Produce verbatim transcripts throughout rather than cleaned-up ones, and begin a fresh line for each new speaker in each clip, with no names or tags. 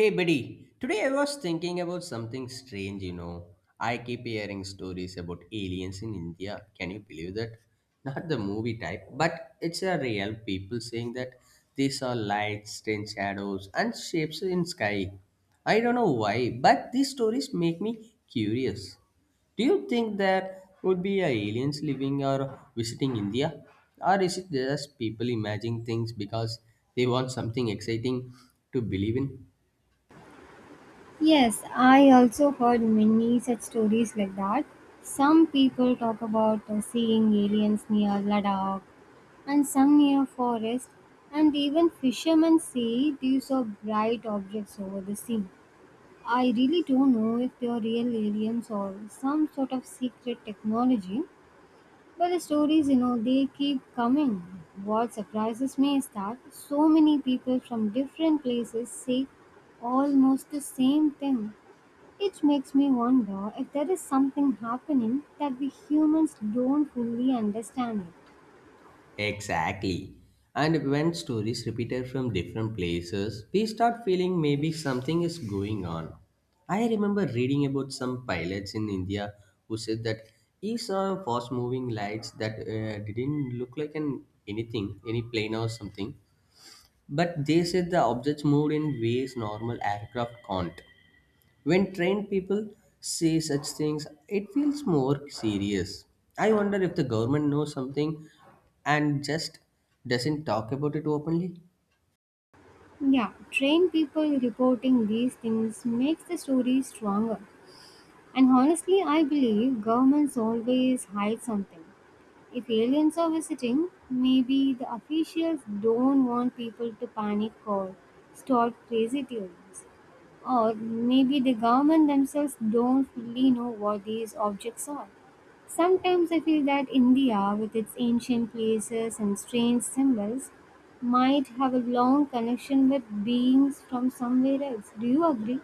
Hey buddy, today I was thinking about something strange, you know. I keep hearing stories about aliens in India. Can you believe that? Not the movie type, but it's a real people saying that they saw lights, strange shadows, and shapes in sky. I don't know why, but these stories make me curious. Do you think there would be a aliens living or visiting India? Or is it just people imagining things because they want something exciting to believe in?
Yes, I also heard many such stories like that. Some people talk about uh, seeing aliens near Ladakh and some near forest, and even fishermen say these are bright objects over the sea. I really don't know if they are real aliens or some sort of secret technology, but the stories, you know, they keep coming. What surprises me is that so many people from different places say almost the same thing. It makes me wonder if there is something happening that we humans don't fully understand it.
Exactly. And when stories repeated from different places, we start feeling maybe something is going on. I remember reading about some pilots in India who said that he saw fast moving lights that uh, didn't look like an anything, any plane or something, but they said the objects moved in ways normal aircraft can't. When trained people say such things, it feels more serious. I wonder if the government knows something and just doesn't talk about it openly.
Yeah, trained people reporting these things makes the story stronger. And honestly, I believe governments always hide something. If aliens are visiting, maybe the officials don't want people to panic or start crazy theories. Or maybe the government themselves don't fully know what these objects are. Sometimes I feel that India, with its ancient places and strange symbols, might have a long connection with beings from somewhere else. Do you agree?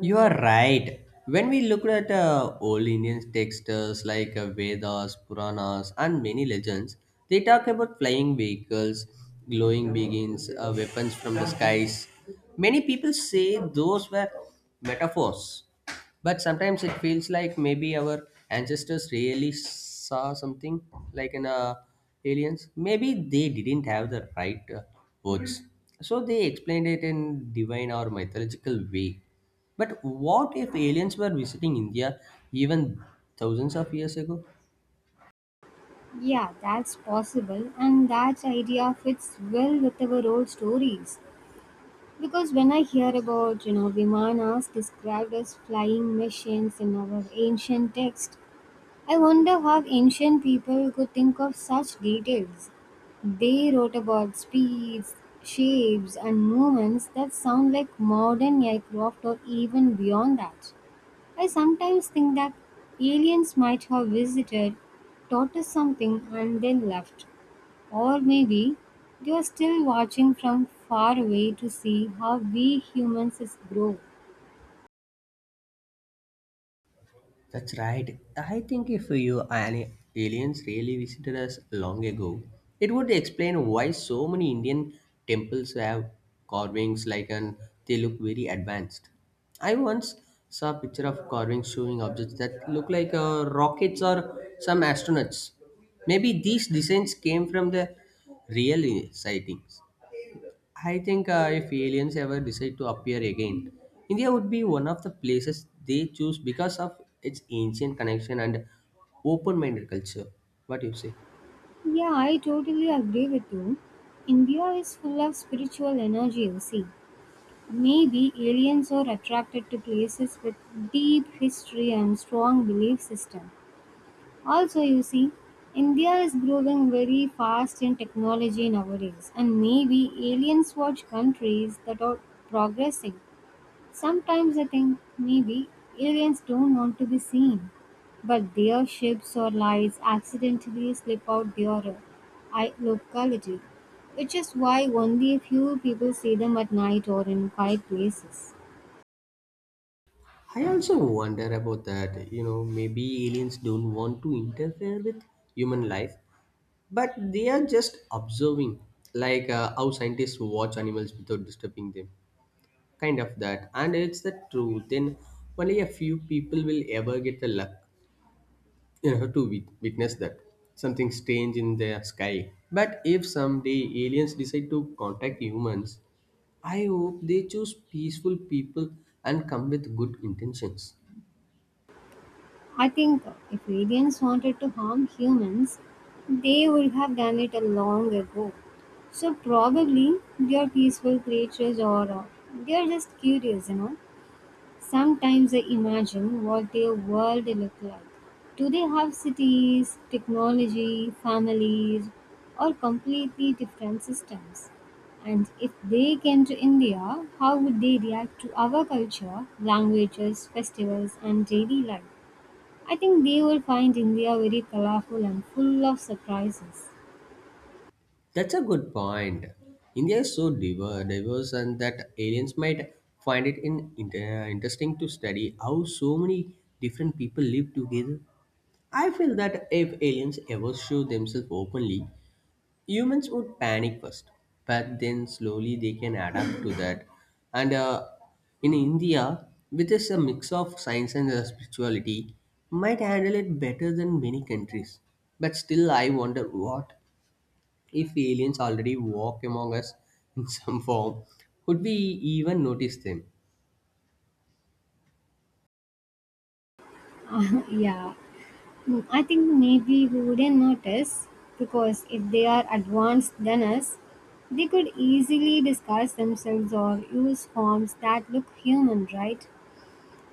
You are right. When we look at uh, old Indian texts like uh, Vedas, Puranas, and many legends, they talk about flying vehicles, glowing beings, uh, weapons from the skies. Many people say those were metaphors. But sometimes it feels like maybe our ancestors really saw something like in uh, aliens. Maybe they didn't have the right uh, words, so they explained it in divine or mythological way. But what if aliens were visiting India even thousands of years ago?
Yeah, that's possible, and that idea fits well with our old stories. Because when I hear about, you know, Vimanas described as flying machines in our ancient texts, I wonder how ancient people could think of such details. They wrote about speeds, shapes, and movements that sound like modern aircraft or even beyond that. I sometimes think that aliens might have visited, taught us something, and then left. Or maybe they are still watching from far away to see how we humans is grow.
That's right. I think if you an aliens really visited us long ago, it would explain why so many Indian temples have carvings like and they look very advanced. I once saw a picture of carvings showing objects that look like uh, rockets or some astronauts. Maybe these designs came from the real sightings. I think uh, if aliens ever decide to appear again, India would be one of the places they choose because of its ancient connection and open minded culture. What do you say?
Yeah, I totally agree with you. India is full of spiritual energy, you see. Maybe aliens are attracted to places with deep history and strong belief system. Also, you see, India is growing very fast in technology nowadays, and maybe aliens watch countries that are progressing. Sometimes I think maybe aliens don't want to be seen, but their ships or lights accidentally slip out their uh, i- locality, which is why only a few people see them at night or in quiet places.
I also wonder about that. You know, maybe aliens don't want to interfere with human life, but they are just observing, like uh, how scientists watch animals without disturbing them. Kind of that. And it's the truth. Then only a few people will ever get the luck. You have to wit- witness that. Something strange in the sky. But if someday aliens decide to contact humans, I hope they choose peaceful people and come with good intentions.
I think if aliens wanted to harm humans, they would have done it a long ago. So probably they are peaceful creatures or uh, they are just curious, you know. Sometimes I imagine what their world look like. Do they have cities, technology, families, or completely different systems? And if they came to India, how would they react to our culture, languages, festivals, and daily life? I think they will find India very colorful and full of surprises.
That's a good point. India is so diver- diverse, and that aliens might find it in, in- uh, interesting to study how so many different people live together. I feel that if aliens ever show themselves openly, humans would panic first but then slowly they can adapt to that and uh, in india with this a mix of science and uh, spirituality might handle it better than many countries, but still I wonder what if aliens already walk among us in some form. Would we even notice them?
Yeah, Mm, I think maybe we wouldn't notice because if they are advanced than us, they could easily disguise themselves or use forms that look human, right?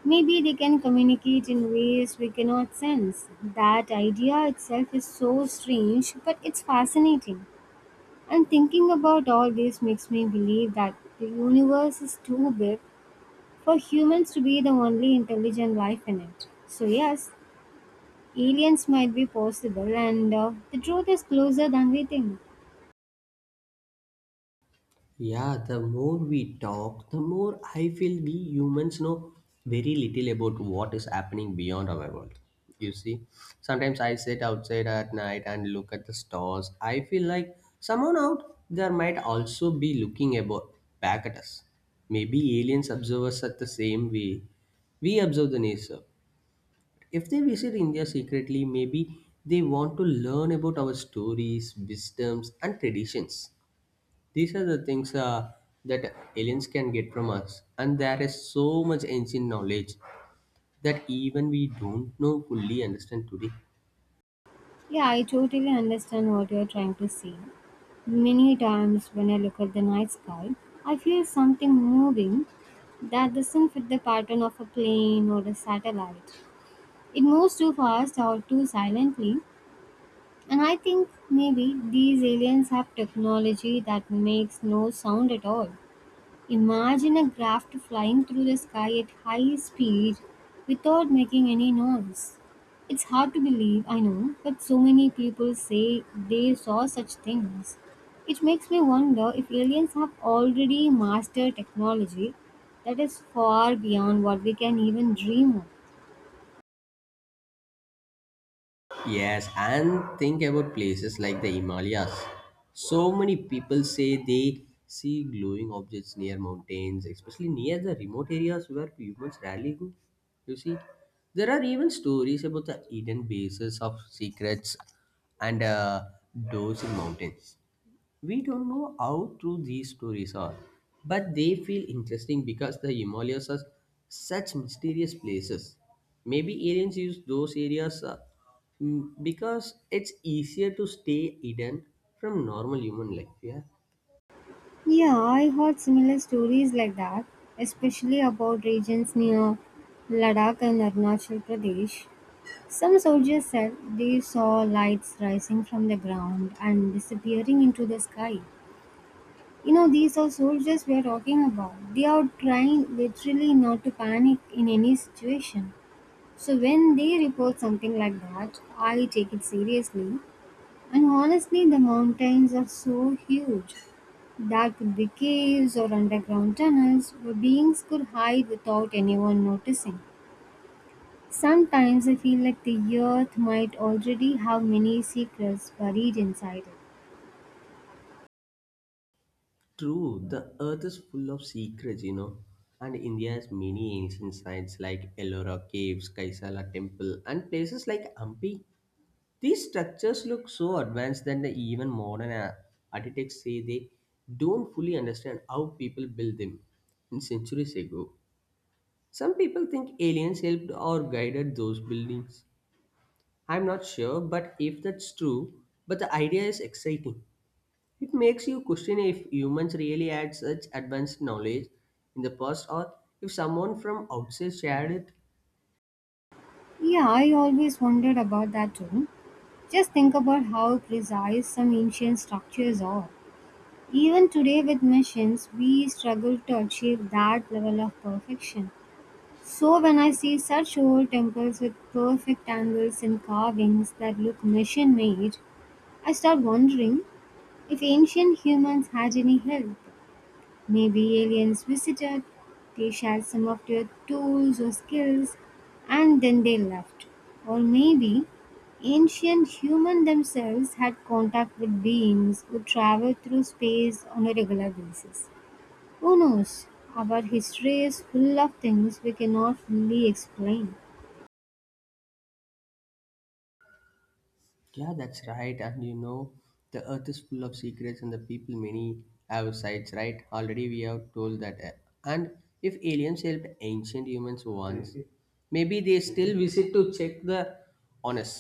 Maybe they can communicate in ways we cannot sense. That idea itself is so strange, but it's fascinating. And thinking about all this makes me believe that the universe is too big for humans to be the only intelligent life in it. So, yes, aliens might be possible, and uh, the truth is closer than we think.
Yeah, the more we talk, the more I feel we humans know very little about what is happening beyond our world. You see, sometimes I sit outside at night and look at the stars. I feel like someone out there might also be looking about back at us. Maybe aliens observe us at the same way we observe the nature. If they visit India secretly, maybe they want to learn about our stories, wisdoms, and traditions. These are the things uh, that aliens can get from us, and there is so much ancient knowledge that even we don't know fully understand today.
Yeah, I totally understand what you're trying to say. Many times when I look at the night sky, I feel something moving that doesn't fit the pattern of a plane or a satellite. It moves too fast or too silently, and I think maybe these aliens have technology that makes no sound at all. Imagine a graft flying through the sky at high speed without making any noise. It's hard to believe, I know, but so many people say they saw such things. It makes me wonder if aliens have already mastered technology that is far beyond what we can even dream of.
Yes, and think about places like the Himalayas. So many people say they see glowing objects near mountains, especially near the remote areas where humans rarely go. You see, there are even stories about the hidden bases of secrets and uh, doors in mountains. We don't know how true these stories are, but they feel interesting because the Himalayas are such mysterious places. Maybe aliens use those areas uh, mm, because it's easier to stay hidden from normal human life. Yeah,
Yeah, I heard similar stories like that, especially about regions near Ladakh and Arunachal Pradesh. Some soldiers said they saw lights rising from the ground and disappearing into the sky. You know, these are soldiers we are talking about. They are trying literally not to panic in any situation. So, when they report something like that, I take it seriously. And honestly, the mountains are so huge. That could be caves or underground tunnels where beings could hide without anyone noticing. Sometimes I feel like the earth might already have many secrets buried inside it.
true. The Earth is full of secrets, you know, and India has many ancient sites like Ellora Caves, Kaisala Temple, and places like Hampi. These structures look so advanced that the even modern uh, architects say they don't fully understand how people built them in centuries ago. Some people think aliens helped or guided those buildings. I'm not sure, but if that's true, but the idea is exciting. It makes you question if humans really had such advanced knowledge in the past or if someone from outside shared it.
Yeah, I always wondered about that too. Just think about how precise some ancient structures are. Even today, with machines, we struggle to achieve that level of perfection. So, when I see such old temples with perfect angles and carvings that look machine made, I start wondering if ancient humans had any help. Maybe aliens visited, they shared some of their tools or skills, and then they left. Or maybe ancient humans themselves had contact with beings who traveled through space on a regular basis. Who knows? Our history is full of things we cannot fully explain.
Yeah, that's right. And you know, the earth is full of secrets, and the people many have sides, right? Already we have told that. uh, And if aliens helped ancient humans once, maybe they still visit to check the on us.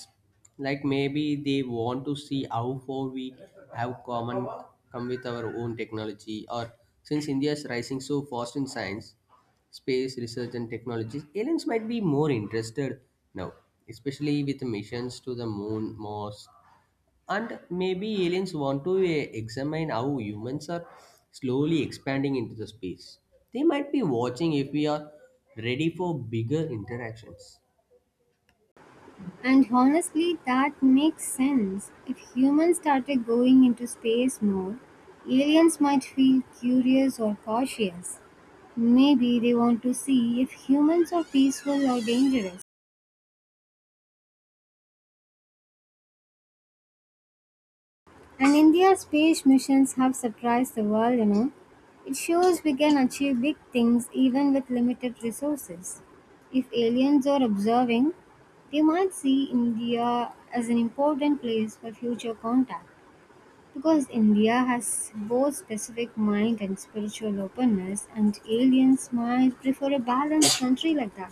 Like maybe they want to see how far we have common come with our own technology. Or since India is rising so fast in science, space research and technologies, aliens might be more interested now, especially with missions to the moon, Mars, and maybe aliens want to eh, examine how humans are slowly expanding into the space. They might be watching if we are ready for bigger interactions.
And honestly, that makes sense. If humans started going into space more, aliens might feel curious or cautious. Maybe they want to see if humans are peaceful or dangerous. And India's space missions have surprised the world, you know. It shows we can achieve big things even with limited resources. If aliens are observing, they might see India as an important place for future contact. Because India has both specific mind and spiritual openness, and aliens might prefer a balanced country like that.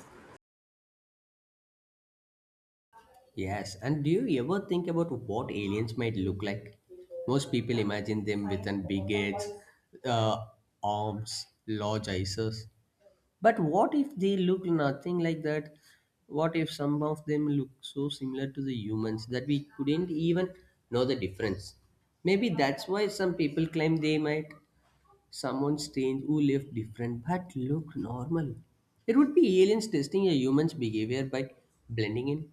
Yes, and do you ever think about what aliens might look like? Most people imagine them with an big heads, uh, arms, large eyes. But what if they look nothing like that? What if some of them look so similar to the humans that we couldn't even know the difference? Maybe that's why some people claim they might someone strange who lived different but looked normal. It would be aliens testing a human's behavior by blending in.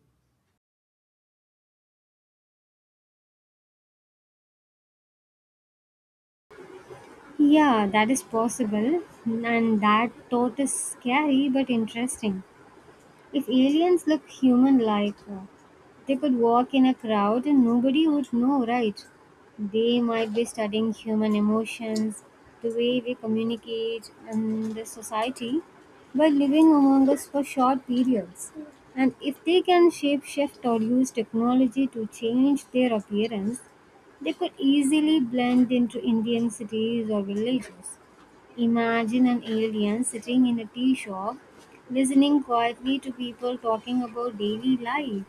Yeah, that is possible, and that thought is scary but interesting. If aliens look human like, uh, they could walk in a crowd and nobody would know, right? They might be studying human emotions, the way we communicate, and the society by living among us for short periods. And if they can shape shift or use technology to change their appearance, they could easily blend into Indian cities or villages. Imagine an alien sitting in a tea shop, listening quietly to people talking about daily life.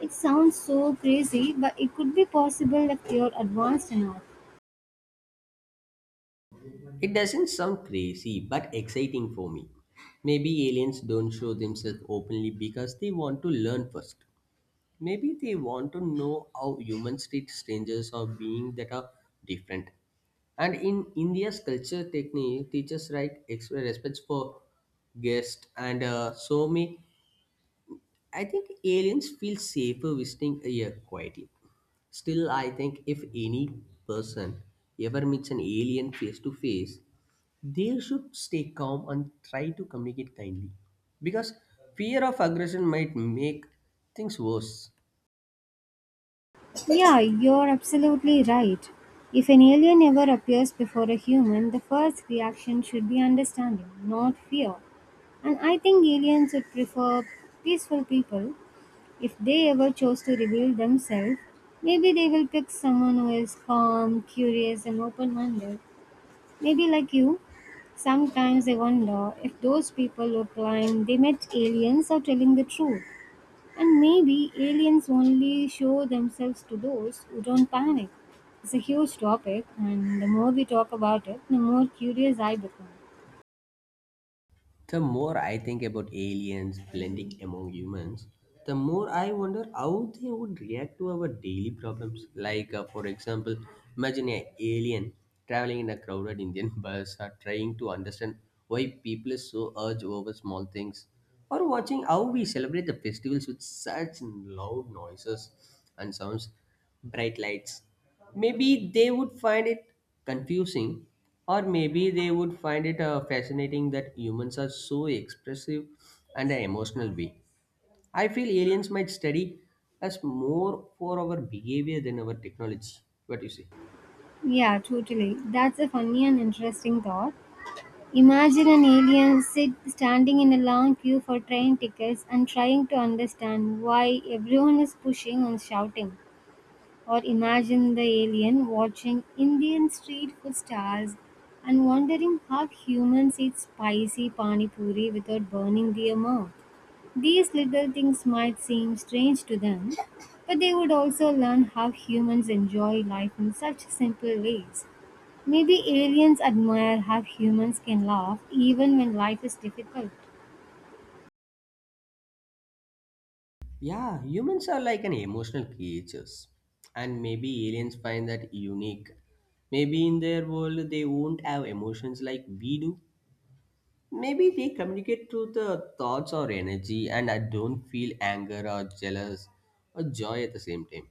It sounds so crazy, but it could be possible if you're advanced enough.
It doesn't sound crazy but exciting for me. Maybe aliens don't show themselves openly because they want to learn first. Maybe they want to know how humans treat strangers or beings that are different. And in India's culture technique, teachers write express respect for guests and uh, so me. I think aliens feel safer visiting here quietly. Still, I think if any person ever meets an alien face to face, they should stay calm and try to communicate kindly. Because fear of aggression might make things worse.
Yeah, you're absolutely right. If an alien ever appears before a human, the first reaction should be understanding, not fear. And I think aliens would prefer peaceful people. If they ever chose to reveal themselves, maybe they will pick someone who is calm, curious, and open minded. Maybe like you. Sometimes I wonder if those people were blind, they met aliens are telling the truth. And maybe aliens only show themselves to those who don't panic. It's a huge topic, and the more we talk about it, the more curious I become.
The more I think about aliens blending among humans, the more I wonder how they would react to our daily problems. Like, uh, for example, imagine an alien traveling in a crowded Indian bus or trying to understand why people is so urge over small things, or watching how we celebrate the festivals with such loud noises and sounds bright lights. Maybe they would find it confusing, or maybe they would find it uh, fascinating that humans are so expressive and an emotional being. I feel aliens might study us more for our behavior than our technology. What do you say?
Yeah, totally. That's a funny and interesting thought. Imagine an alien sit standing in a long queue for train tickets and trying to understand why everyone is pushing and shouting. Or imagine the alien watching Indian street food stars and wondering how humans eat spicy pani puri without burning their mouth. These little things might seem strange to them, but they would also learn how humans enjoy life in such simple ways. Maybe aliens admire how humans can laugh even when life is difficult.
Yeah, humans are like an emotional creatures, and maybe aliens find that unique. Maybe in their world they won't have emotions like we do. Maybe they communicate through the thoughts or energy, and I don't feel anger or jealous or joy at the same time.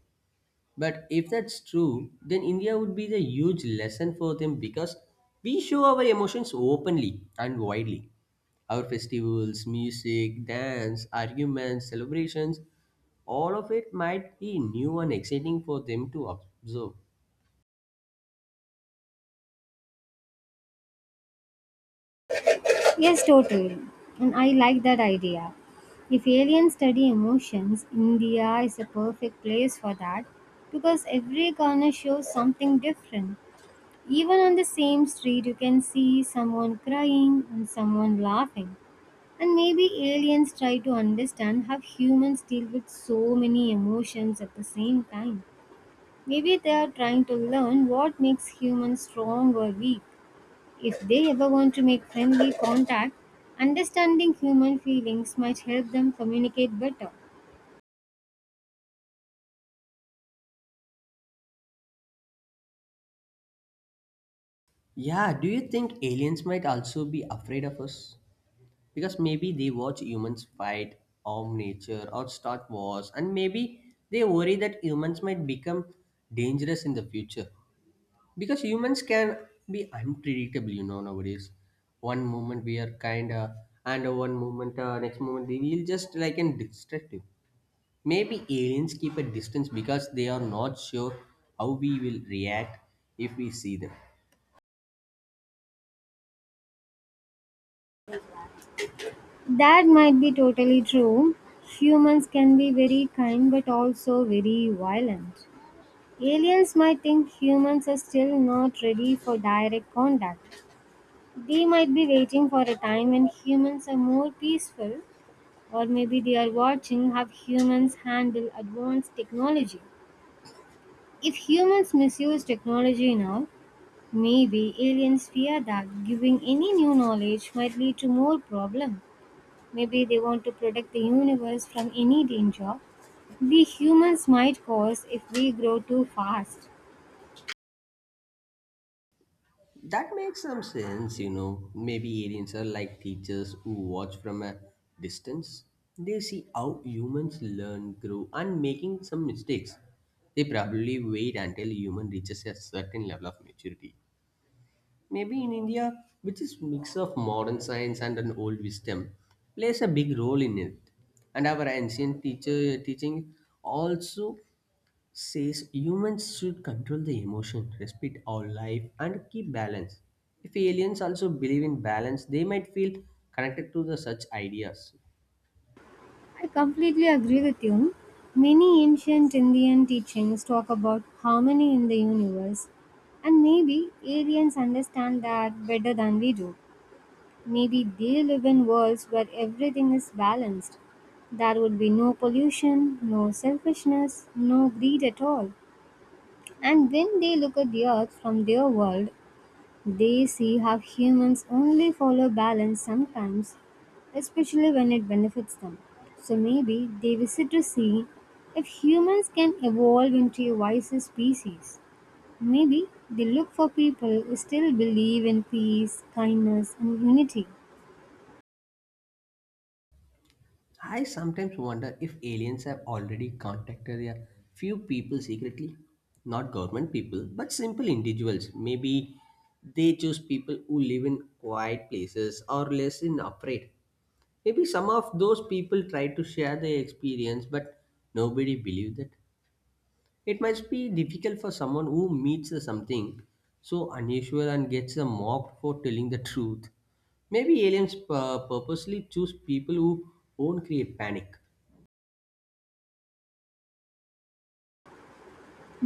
But if that's true, then India would be the huge lesson for them because we show our emotions openly and widely. Our festivals, music, dance, arguments, celebrations, all of it might be new and exciting for them to observe.
Yes, totally. And I like that idea. If aliens study emotions, India is a perfect place for that because every corner shows something different. Even on the same street, you can see someone crying and someone laughing. And maybe aliens try to understand how humans deal with so many emotions at the same time. Maybe they are trying to learn what makes humans strong or weak. If they ever want to make friendly contact, understanding human feelings might help them communicate better.
Yeah, do you think aliens might also be afraid of us? Because maybe they watch humans fight, harm nature, or start wars, and maybe they worry that humans might become dangerous in the future. Because humans can be unpredictable, you know, nowadays. One moment we are kind, of, and uh, one moment, uh, next moment, they will just like and destructive. Maybe aliens keep a distance because they are not sure how we will react if we see them.
That might be totally true. Humans can be very kind but also very violent. Aliens might think humans are still not ready for direct contact. They might be waiting for a time when humans are more peaceful, or maybe they are watching how humans handle advanced technology. If humans misuse technology now, maybe aliens fear that giving any new knowledge might lead to more problem. Maybe they want to protect the universe from any danger we humans might cause if we grow too fast.
That makes some sense, you know. Maybe aliens are like teachers who watch from a distance. They see how humans learn, grow, and making some mistakes. They probably wait until human reaches a certain level of maturity. Maybe in India, which is mix of modern science and an old wisdom, plays a big role in it. And our ancient teacher teaching also says humans should control the emotion, respect our life, and keep balance. If aliens also believe in balance, they might feel connected to the such ideas.
I completely agree with you. Many ancient Indian teachings talk about harmony in the universe, and maybe aliens understand that better than we do. Maybe they live in worlds where everything is balanced. There would be no pollution, no selfishness, no greed at all. And when they look at the earth from their world, they see how humans only follow balance sometimes, especially when it benefits them. So maybe they visit to see if humans can evolve into a wiser species. Maybe they look for people who still believe in peace, kindness, and unity.
I sometimes wonder if aliens have already contacted a few people secretly, not government people, but simple individuals. Maybe they choose people who live in quiet places or less in afraid. Maybe some of those people try to share their experience, but nobody believed it. It must be difficult for someone who meets something so unusual and gets mocked for telling the truth. Maybe aliens pur- purposely choose people who won't create panic.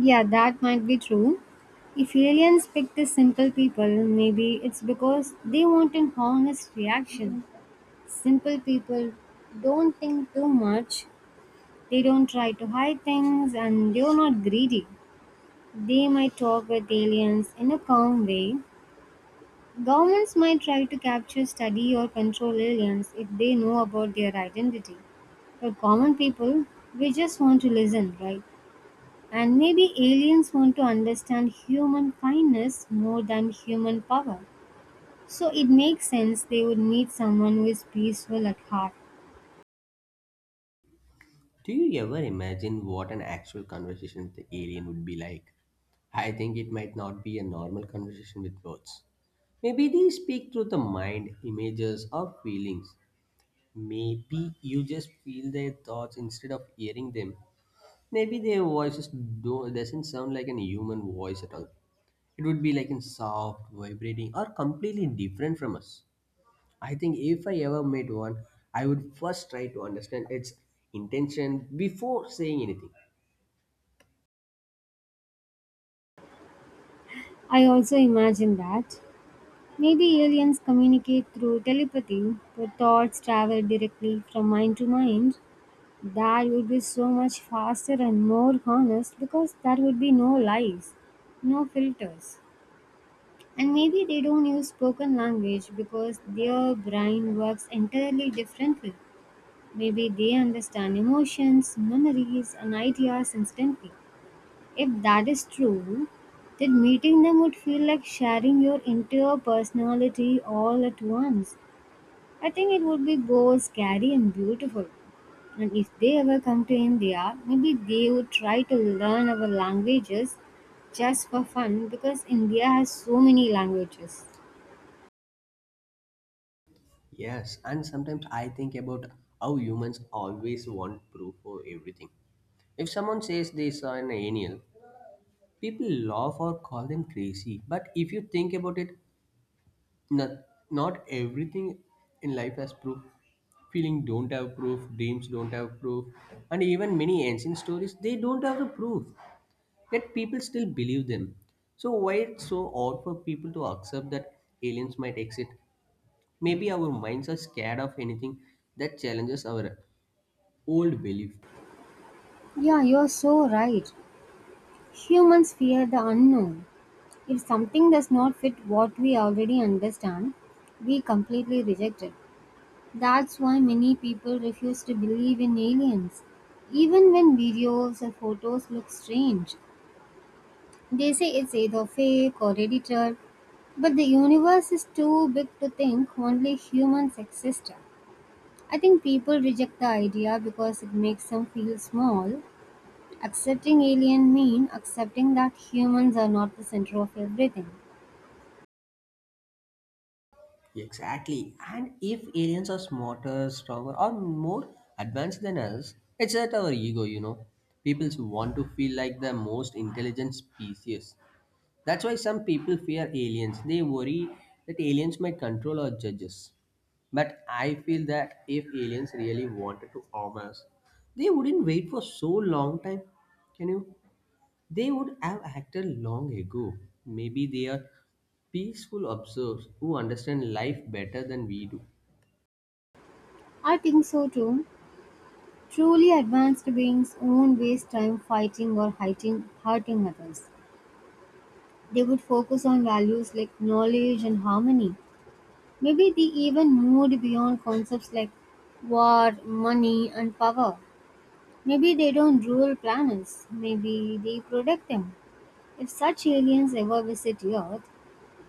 Yeah, that might be true. If aliens pick the simple people, maybe it's because they want an honest reaction. Simple people don't think too much, they don't try to hide things, and they're not greedy. They might talk with aliens in a calm way. Governments might try to capture, study, or control aliens if they know about their identity. But common people, we just want to listen, right? And maybe aliens want to understand human kindness more than human power. So it makes sense they would need someone who is peaceful at heart.
Do you ever imagine what an actual conversation with the alien would be like? I think it might not be a normal conversation with words. Maybe they speak through the mind, images, or feelings. Maybe you just feel their thoughts instead of hearing them. Maybe their voices do doesn't sound like an human voice at all. It would be like in soft, vibrating, or completely different from us. I think if I ever met one, I would first try to understand its intention before saying anything.
I also imagine that. Maybe aliens communicate through telepathy, where thoughts travel directly from mind to mind. That would be so much faster and more honest because there would be no lies, no filters. And maybe they don't use spoken language because their brain works entirely differently. Maybe they understand emotions, memories, and ideas instantly. If that is true, then meeting them would feel like sharing your entire personality all at once. I think it would be both scary and beautiful. And if they ever come to India, maybe they would try to learn our languages just for fun because India has so many languages.
Yes, and sometimes I think about how humans always want proof for everything. If someone says they saw an alien, people laugh or call them crazy. But if you think about it, not, not everything in life has proof, feeling don't have proof, dreams don't have proof, and even many ancient stories, they don't have the proof, yet people still believe them. So why it's so odd for people to accept that aliens might exist? Maybe our minds are scared of anything that challenges our old belief.
Yeah, you're so right. Humans fear the unknown. If something does not fit what we already understand, we completely reject it. That's why many people refuse to believe in aliens. Even when videos or photos look strange, they say it's either fake or edited, but the universe is too big to think only humans exist. I think people reject the idea because it makes them feel small. Accepting alien means accepting that humans are not the center of everything.
Exactly. And if aliens are smarter, stronger, or more advanced than us, it's at our ego, you know. People want to feel like the most intelligent species. That's why some people fear aliens. They worry that aliens might control or judge us. But I feel that if aliens really wanted to harm us, they wouldn't wait for so long time. Can you? They would have acted long ago. Maybe they are peaceful observes who understand life better than we do.
I think so too. Truly advanced beings won't waste time fighting or hiding, hurting others. They would focus on values like knowledge and harmony. Maybe they even moved beyond concepts like war, money, and power. Maybe they don't rule planets. Maybe they protect them. If such aliens ever visit Earth,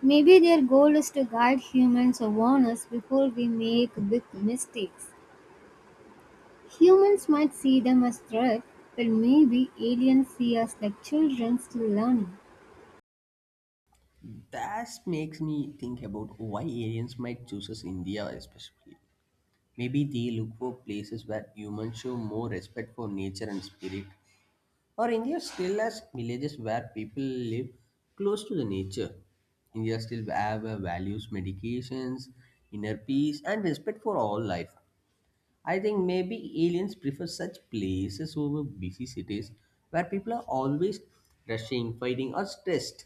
maybe their goal is to guide humans or warn us before we make big mistakes. Humans might see them as threat, but maybe aliens see us like children still learning.
That makes me think about why aliens might choose us India especially. Maybe they look for places where humans show more respect for nature and spirit. Or India still has villages where people live close to the nature. India still have uh, values, medications, inner peace, and respect for all life. I think maybe aliens prefer such places over busy cities where people are always rushing, fighting, or stressed.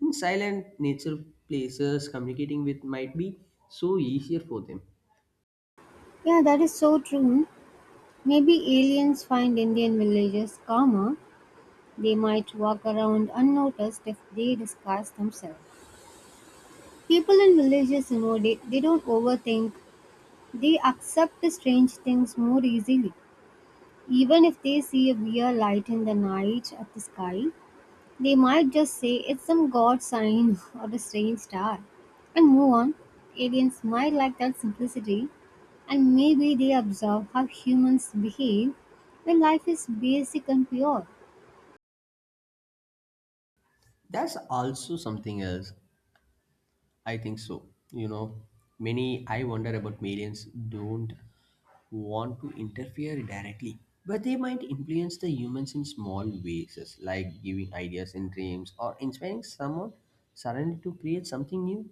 In silent nature places, communicating with might be so easier for them.
Yeah, that is so true. Maybe aliens find Indian villages calmer. They might walk around unnoticed if they disguise themselves. People in villages, you know, they, they don't overthink. They accept the strange things more easily. Even if they see a weird light in the night at the sky, they might just say it's some god sign or a strange star and move on. Aliens might like that simplicity and maybe they observe how humans behave when life is basic and pure.
That's also something else. I think so. You know, many I wonder about aliens don't want to interfere directly, but they might influence the humans in small ways, as like giving ideas and dreams or inspiring someone suddenly to create something new.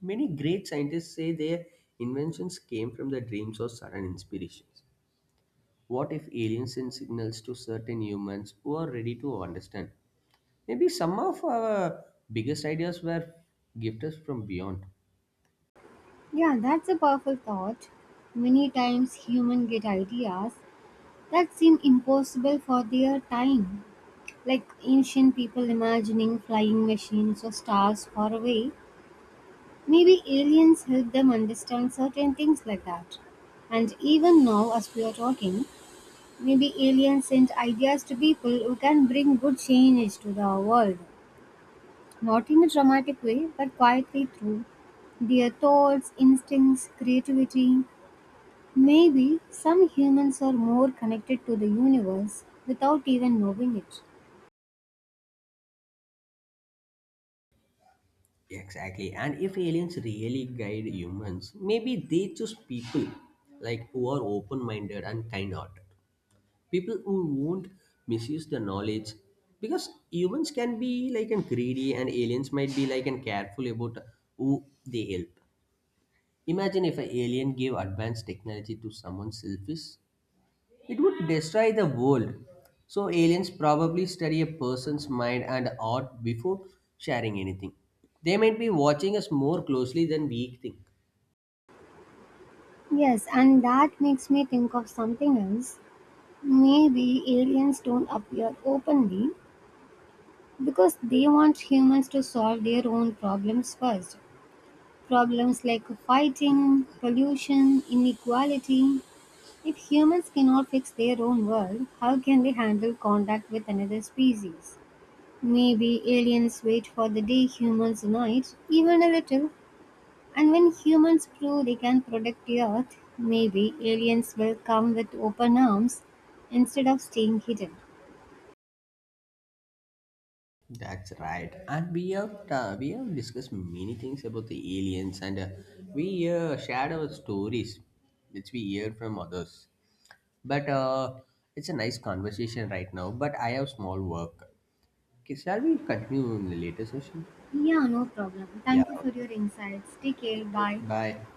Many great scientists say their inventions came from their dreams or sudden inspirations. What if aliens send signals to certain humans who are ready to understand? Maybe some of our biggest ideas were gifted from beyond.
Yeah, that's a powerful thought. Many times humans get ideas that seem impossible for their time, like ancient people imagining flying machines or stars far away. Maybe aliens help them understand certain things like that. And even now, as we are talking, maybe aliens send ideas to people who can bring good change to the world. Not in a dramatic way, but quietly through their thoughts, instincts, creativity. Maybe some humans are more connected to the universe without even knowing it.
Exactly. And if aliens really guide humans, maybe they choose people like who are open-minded and kind-hearted, people who won't misuse the knowledge, because humans can be like and greedy, and aliens might be like and careful about who they help. Imagine if an alien gave advanced technology to someone selfish, it would destroy the world. So aliens probably study a person's mind and heart before sharing anything. They might be watching us more closely than we think.
Yes, and that makes me think of something else. Maybe aliens don't appear openly, because they want humans to solve their own problems first. Problems like fighting, pollution, inequality. If humans cannot fix their own world, how can they handle contact with another species? Maybe aliens wait for the day humans unite, even a little. And when humans prove they can protect the earth, maybe aliens will come with open arms instead of staying hidden.
That's right. And we have uh, we have discussed many things about the aliens, and uh, we uh, shared our stories, which we hear from others. But uh, it's a nice conversation right now. But I have small work. Okay, shall we continue in the later session?
Yeah, no problem.
Yeah.
Thank you for your insights. Take care.
Okay.
Bye.
Bye.